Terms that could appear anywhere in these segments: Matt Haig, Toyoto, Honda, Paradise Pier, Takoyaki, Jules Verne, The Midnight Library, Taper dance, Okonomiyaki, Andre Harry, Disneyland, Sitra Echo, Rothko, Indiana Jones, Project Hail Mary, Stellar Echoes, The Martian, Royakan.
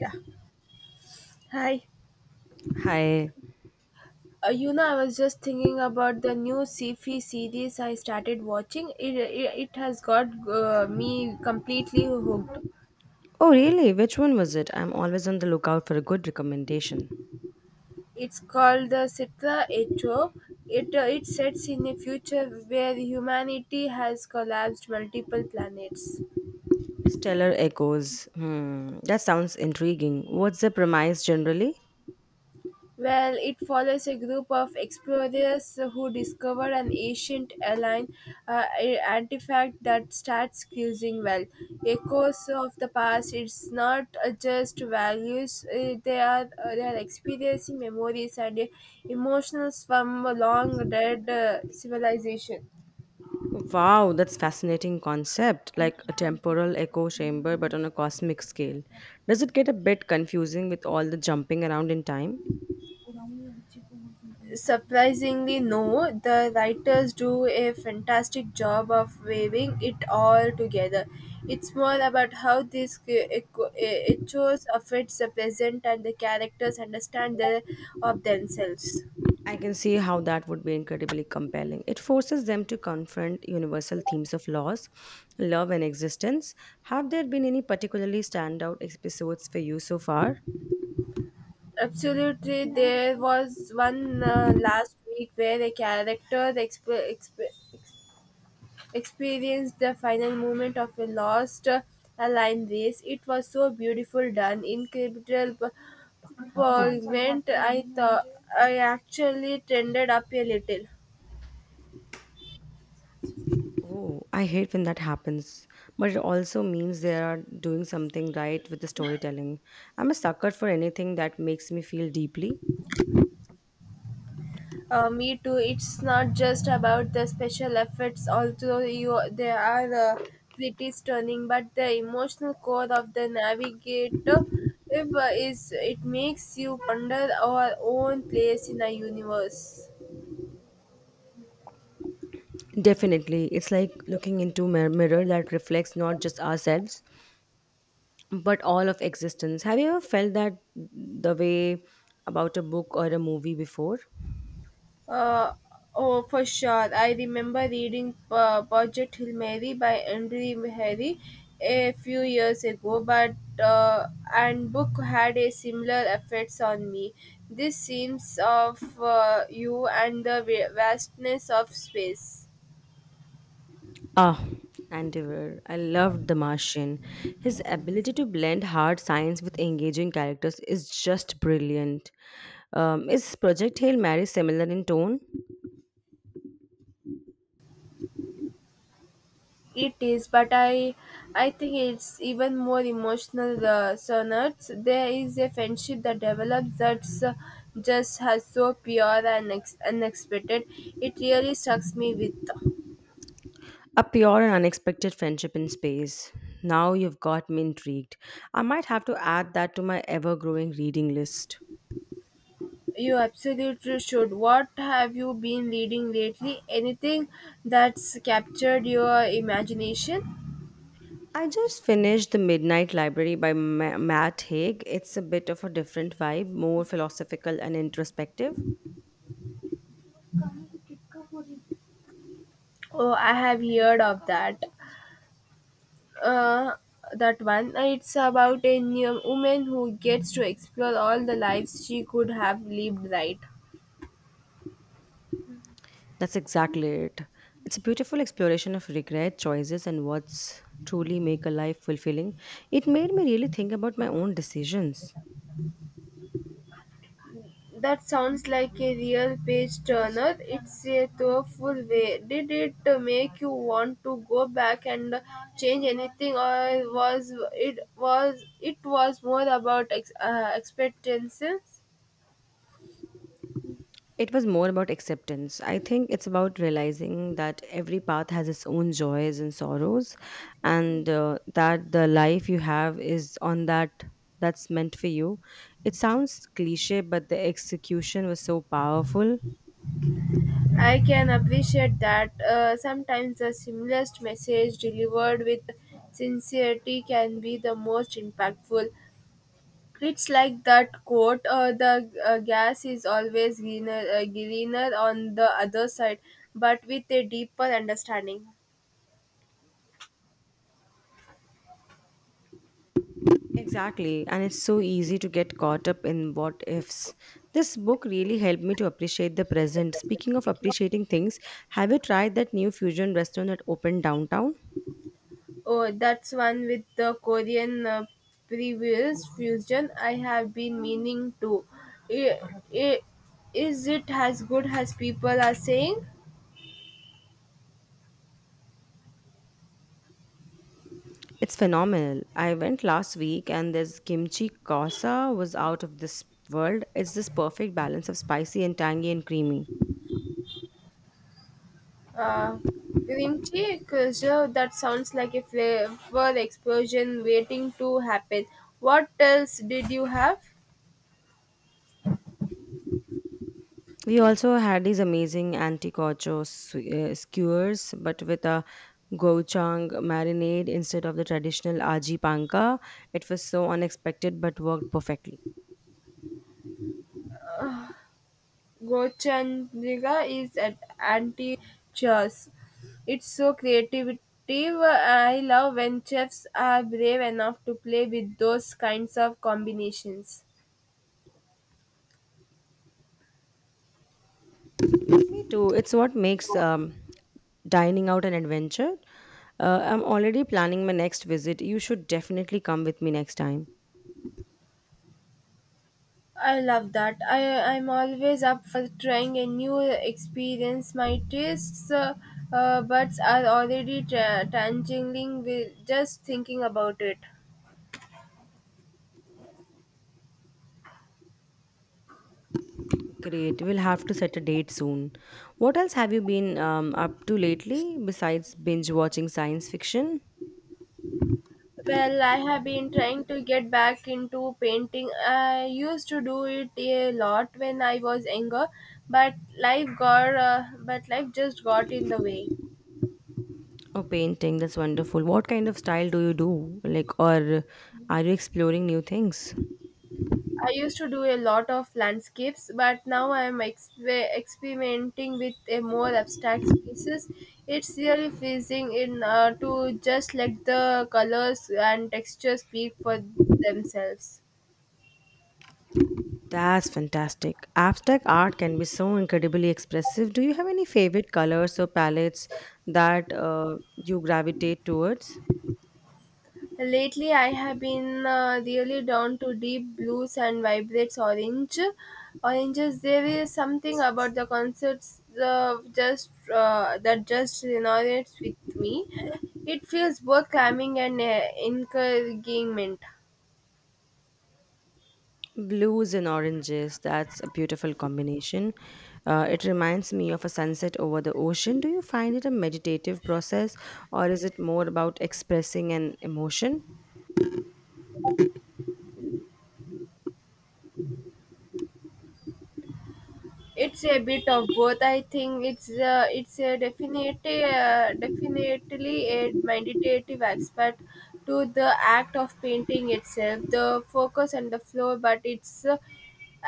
Yeah. Hi. Hi. I was just thinking about the new sci-fi series I started watching. It has got me completely hooked. Oh, really? Which one was it? I'm always on the lookout for a good recommendation. It's called the Sitra Echo. It sets in a future where humanity has collapsed multiple planets. Stellar Echoes. Hmm, that sounds intriguing. What's the premise generally? Well, it follows a group of explorers who discover an ancient airline artifact that starts cruising well. Echoes of the past. It's not just values; they are experiencing memories and emotions from a long dead civilization. Wow, that's fascinating concept, like a temporal echo chamber but on a cosmic scale. Does it get a bit confusing with all the jumping around in time? Surprisingly no, the writers do a fantastic job of weaving it all together. It's more about how these echoes affects the present and the characters understand the, of themselves. I can see how that would be incredibly compelling. It forces them to confront universal themes of loss, love, and existence. Have there been any particularly standout episodes for you so far? Absolutely, there was one last week where a character experienced the final moment of a lost a line race. It was so beautiful done, incredible Pergament, I thought I actually trended up a little. Oh, I hate when that happens, but it also means they are doing something right with the storytelling. I'm a sucker for anything that makes me feel deeply. Me too. It's not just about the special effects, although you they are pretty stunning, but the emotional core of the navigator if, is it makes you ponder our own place in the universe. Definitely, it's like looking into a mirror that reflects not just ourselves, but all of existence. Have you ever felt that the way about a book or a movie before? Uh, oh, for sure. I remember reading Project Hail Mary by Andre Harry a few years ago, but uh, and book had a similar effects on me. This seems of you and the vastness of space. Ah, Andiver. I loved The Martian. His ability to blend hard science with engaging characters is just brilliant. Is Project Hail Mary similar in tone? It is, but I think it's even more emotional sonnets. There is a friendship that develops that's just has so pure and unexpected. It really struck me with. A pure and unexpected friendship in space. Now you've got me intrigued. I might have to add that to my ever growing reading list. You absolutely should. What have you been reading lately? Anything that's captured your imagination? I just finished The Midnight Library by Matt Haig. It's a bit of a different vibe, more philosophical and introspective. Oh, I have heard of that. uh, that one. It's about a new woman who gets to explore all the lives she could have lived, right? That's exactly it. It's a beautiful exploration of regret, choices, and what's truly make a life fulfilling. It made me really think about my own decisions. That sounds like a real page turner. It's a thoughtful way. Did it make you want to go back and change anything, or was it was it was more about expectations? It was more about acceptance. I think it's about realizing that every path has its own joys and sorrows, and that the life you have is on that that's meant for you. It sounds cliche, but the execution was so powerful. I can appreciate that sometimes the simplest message delivered with sincerity can be the most impactful. It's like that quote: "The gas is always greener, greener on the other side," but with a deeper understanding. Exactly, and it's so easy to get caught up in what ifs. This book really helped me to appreciate the present. Speaking of appreciating things, have you tried that new fusion restaurant that opened downtown? Oh, that's one with the Korean previous fusion. I have been meaning to. I- I- Is it as good as people are saying? It's phenomenal. I went last week and this kimchi kasa was out of this world. It's this perfect balance of spicy and tangy and creamy. Uh, Vinci Preserve, that sounds like a flavor explosion waiting to happen. What else did you have? We also had these amazing skewers, but with a gochujang marinade instead of the traditional aji panka. It was so unexpected but worked perfectly. Gochandriga is at anti chess. It's so creative. I love when chefs are brave enough to play with those kinds of combinations. Me too. It's what makes dining out an adventure. I'm already planning my next visit. You should definitely come with me next time. I love that. I'm always up for trying a new experience. My tastes buds are already tangling with just thinking about it. Great. We'll have to set a date soon. What else have you been up to lately besides binge watching science fiction Well, I have been trying to get back into painting. I used to do it a lot when I was younger, but life just got in the way. or painting? That's wonderful. What kind of style do you do? Like, or are you exploring new things? I used to do a lot of landscapes, but now I am experimenting with a more abstract pieces. It's really pleasing in to just let the colors and textures speak for themselves. That's fantastic. Abstract art can be so incredibly expressive. Do you have any favorite colors or palettes that you gravitate towards? Lately, I have been really down to deep blues and vibrates orange. Oranges. There is something about the concerts just that just resonates with me. It feels both calming and encouragement. Blues and oranges, that's a beautiful combination. It reminds me of a sunset over the ocean. Do you find it a meditative process or is it more about expressing an emotion? It's a bit of both. I think it's a definitely definitely a meditative aspect to the act of painting itself, the focus and the flow, but it's uh,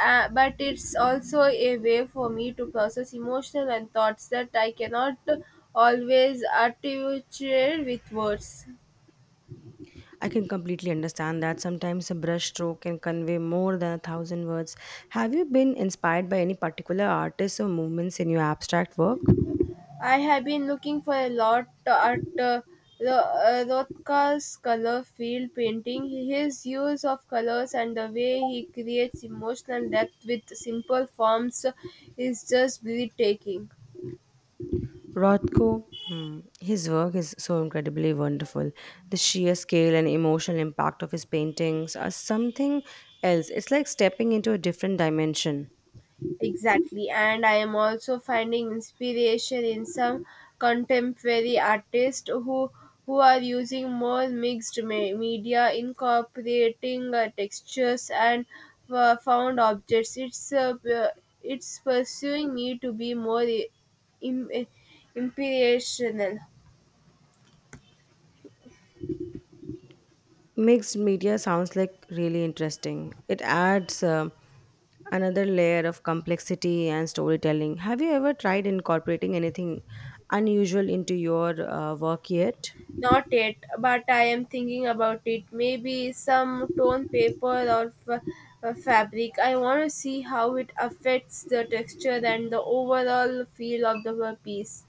uh, but it's also a way for me to process emotional and thoughts that I cannot always articulate with words. I can completely understand that sometimes a brush stroke can convey more than a thousand words. Have you been inspired by any particular artists or movements in your abstract work? I have been looking for a lot at Rothko's color field painting. His use of colors and the way he creates emotional depth with simple forms is just breathtaking. Rothko, mm, his work is so incredibly wonderful. The sheer scale and emotional impact of his paintings are something else. It's like stepping into a different dimension. Exactly, and I am also finding inspiration in some contemporary artists who are using more mixed media, incorporating textures and found objects. It's pursuing me to be more im- uh, inspirational. Mixed media sounds like really interesting. It adds another layer of complexity and storytelling. Have you ever tried incorporating anything unusual into your work yet? Not yet, but I am thinking about it. Maybe some torn paper or fabric. I want to see how it affects the texture and the overall feel of the piece.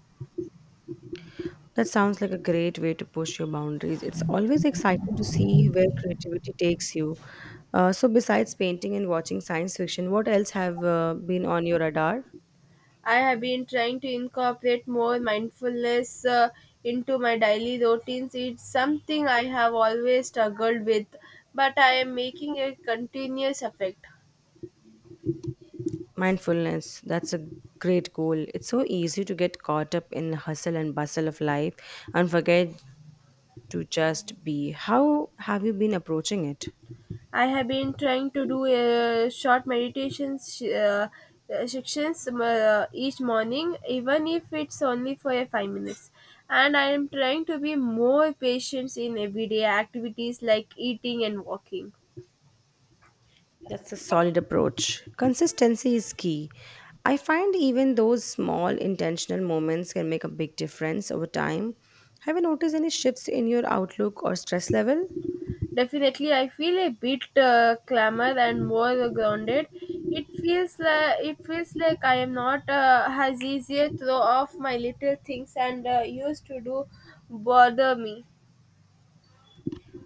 That sounds like a great way to push your boundaries. It's always exciting to see where creativity takes you. So, besides painting and watching science fiction, what else have been on your radar? I have been trying to incorporate more mindfulness into my daily routines. It's something I have always struggled with, but I am making a continuous effort. Mindfulness. That's a great goal. It's so easy to get caught up in the hustle and bustle of life and forget to just be. How have you been approaching it? I have been trying to do a short meditations sections each morning, even if it's only for a 5 minutes. And I am trying to be more patient in everyday activities like eating and walking. That's a solid approach. Consistency is key. I find even those small intentional moments can make a big difference over time. Have you noticed any shifts in your outlook or stress level? Definitely, I feel a bit clamor and more grounded. It feels like I am not as easier throw off my little things and used to do bother me.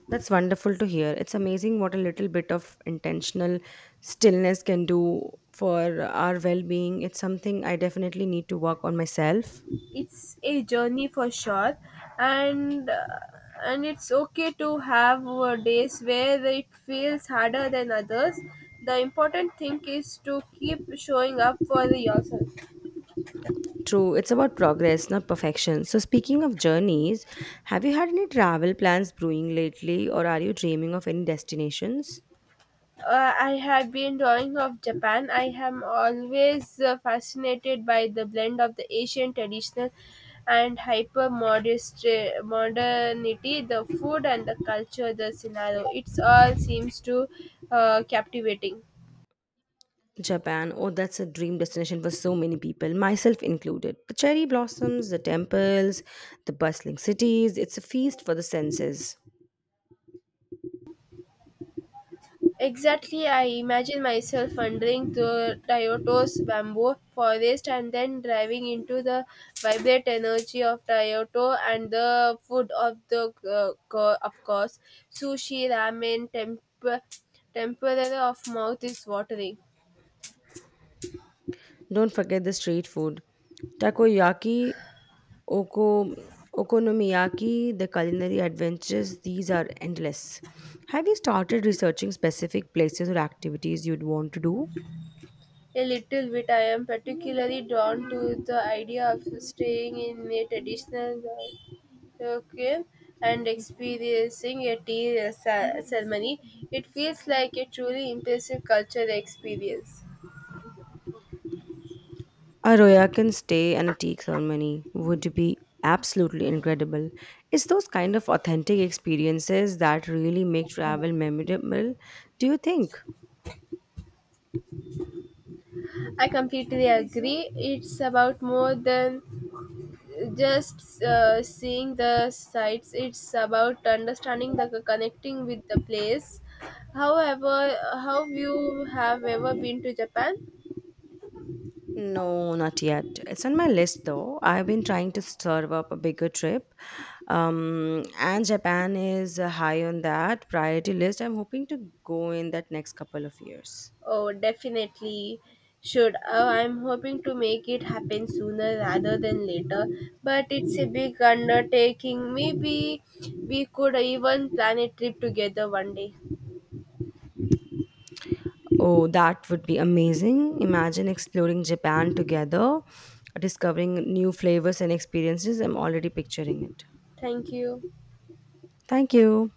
That's wonderful to hear. It's amazing what a little bit of intentional stillness can do for our well being. It's something I definitely need to work on myself. It's a journey for sure, and uh, and it's okay to have days where it feels harder than others. The important thing is to keep showing up for yourself. True, it's about progress, not perfection. So, speaking of journeys, have you had any travel plans brewing lately, or are you dreaming of any destinations? I have been drawing of Japan. I am always fascinated by the blend of the Asian traditional and hyper modernity. The food and the culture, the scenario, it's all seems to captivating. Japan, oh, that's a dream destination for so many people, myself included. The cherry blossoms, the temples, the bustling cities, it's a feast for the senses. Exactly, I imagine myself wandering through Toyoto's bamboo forest and then driving into the vibrant energy of Toyoto and the food of the of course sushi, ramen, tempura of mouth is watering. Don't forget the street food. Takoyaki Oko, Okonomiyaki, the culinary adventures, these are endless. Have you started researching specific places or activities you'd want to do? A little bit. I am particularly drawn to the idea of staying in a traditional okay and experiencing a tea ceremony. It feels like a truly impressive cultural experience. A Royakan stay and a tea ceremony would be absolutely incredible. It's those kind of authentic experiences that really make travel memorable, do you think? I completely agree. It's about more than just seeing the sights. It's about understanding the connecting with the place. However, how you have ever been to Japan? No, not yet. It's on my list though. I've been trying to serve up a bigger trip. And Japan is high on that priority list. I'm hoping to go in that next couple of years. Oh, definitely should. I'm hoping to make it happen sooner rather than later, but it's a big undertaking. Maybe we could even plan a trip together one day. Oh, that would be amazing. Imagine exploring Japan together, discovering new flavors and experiences. I'm already picturing it. Thank you. Thank you.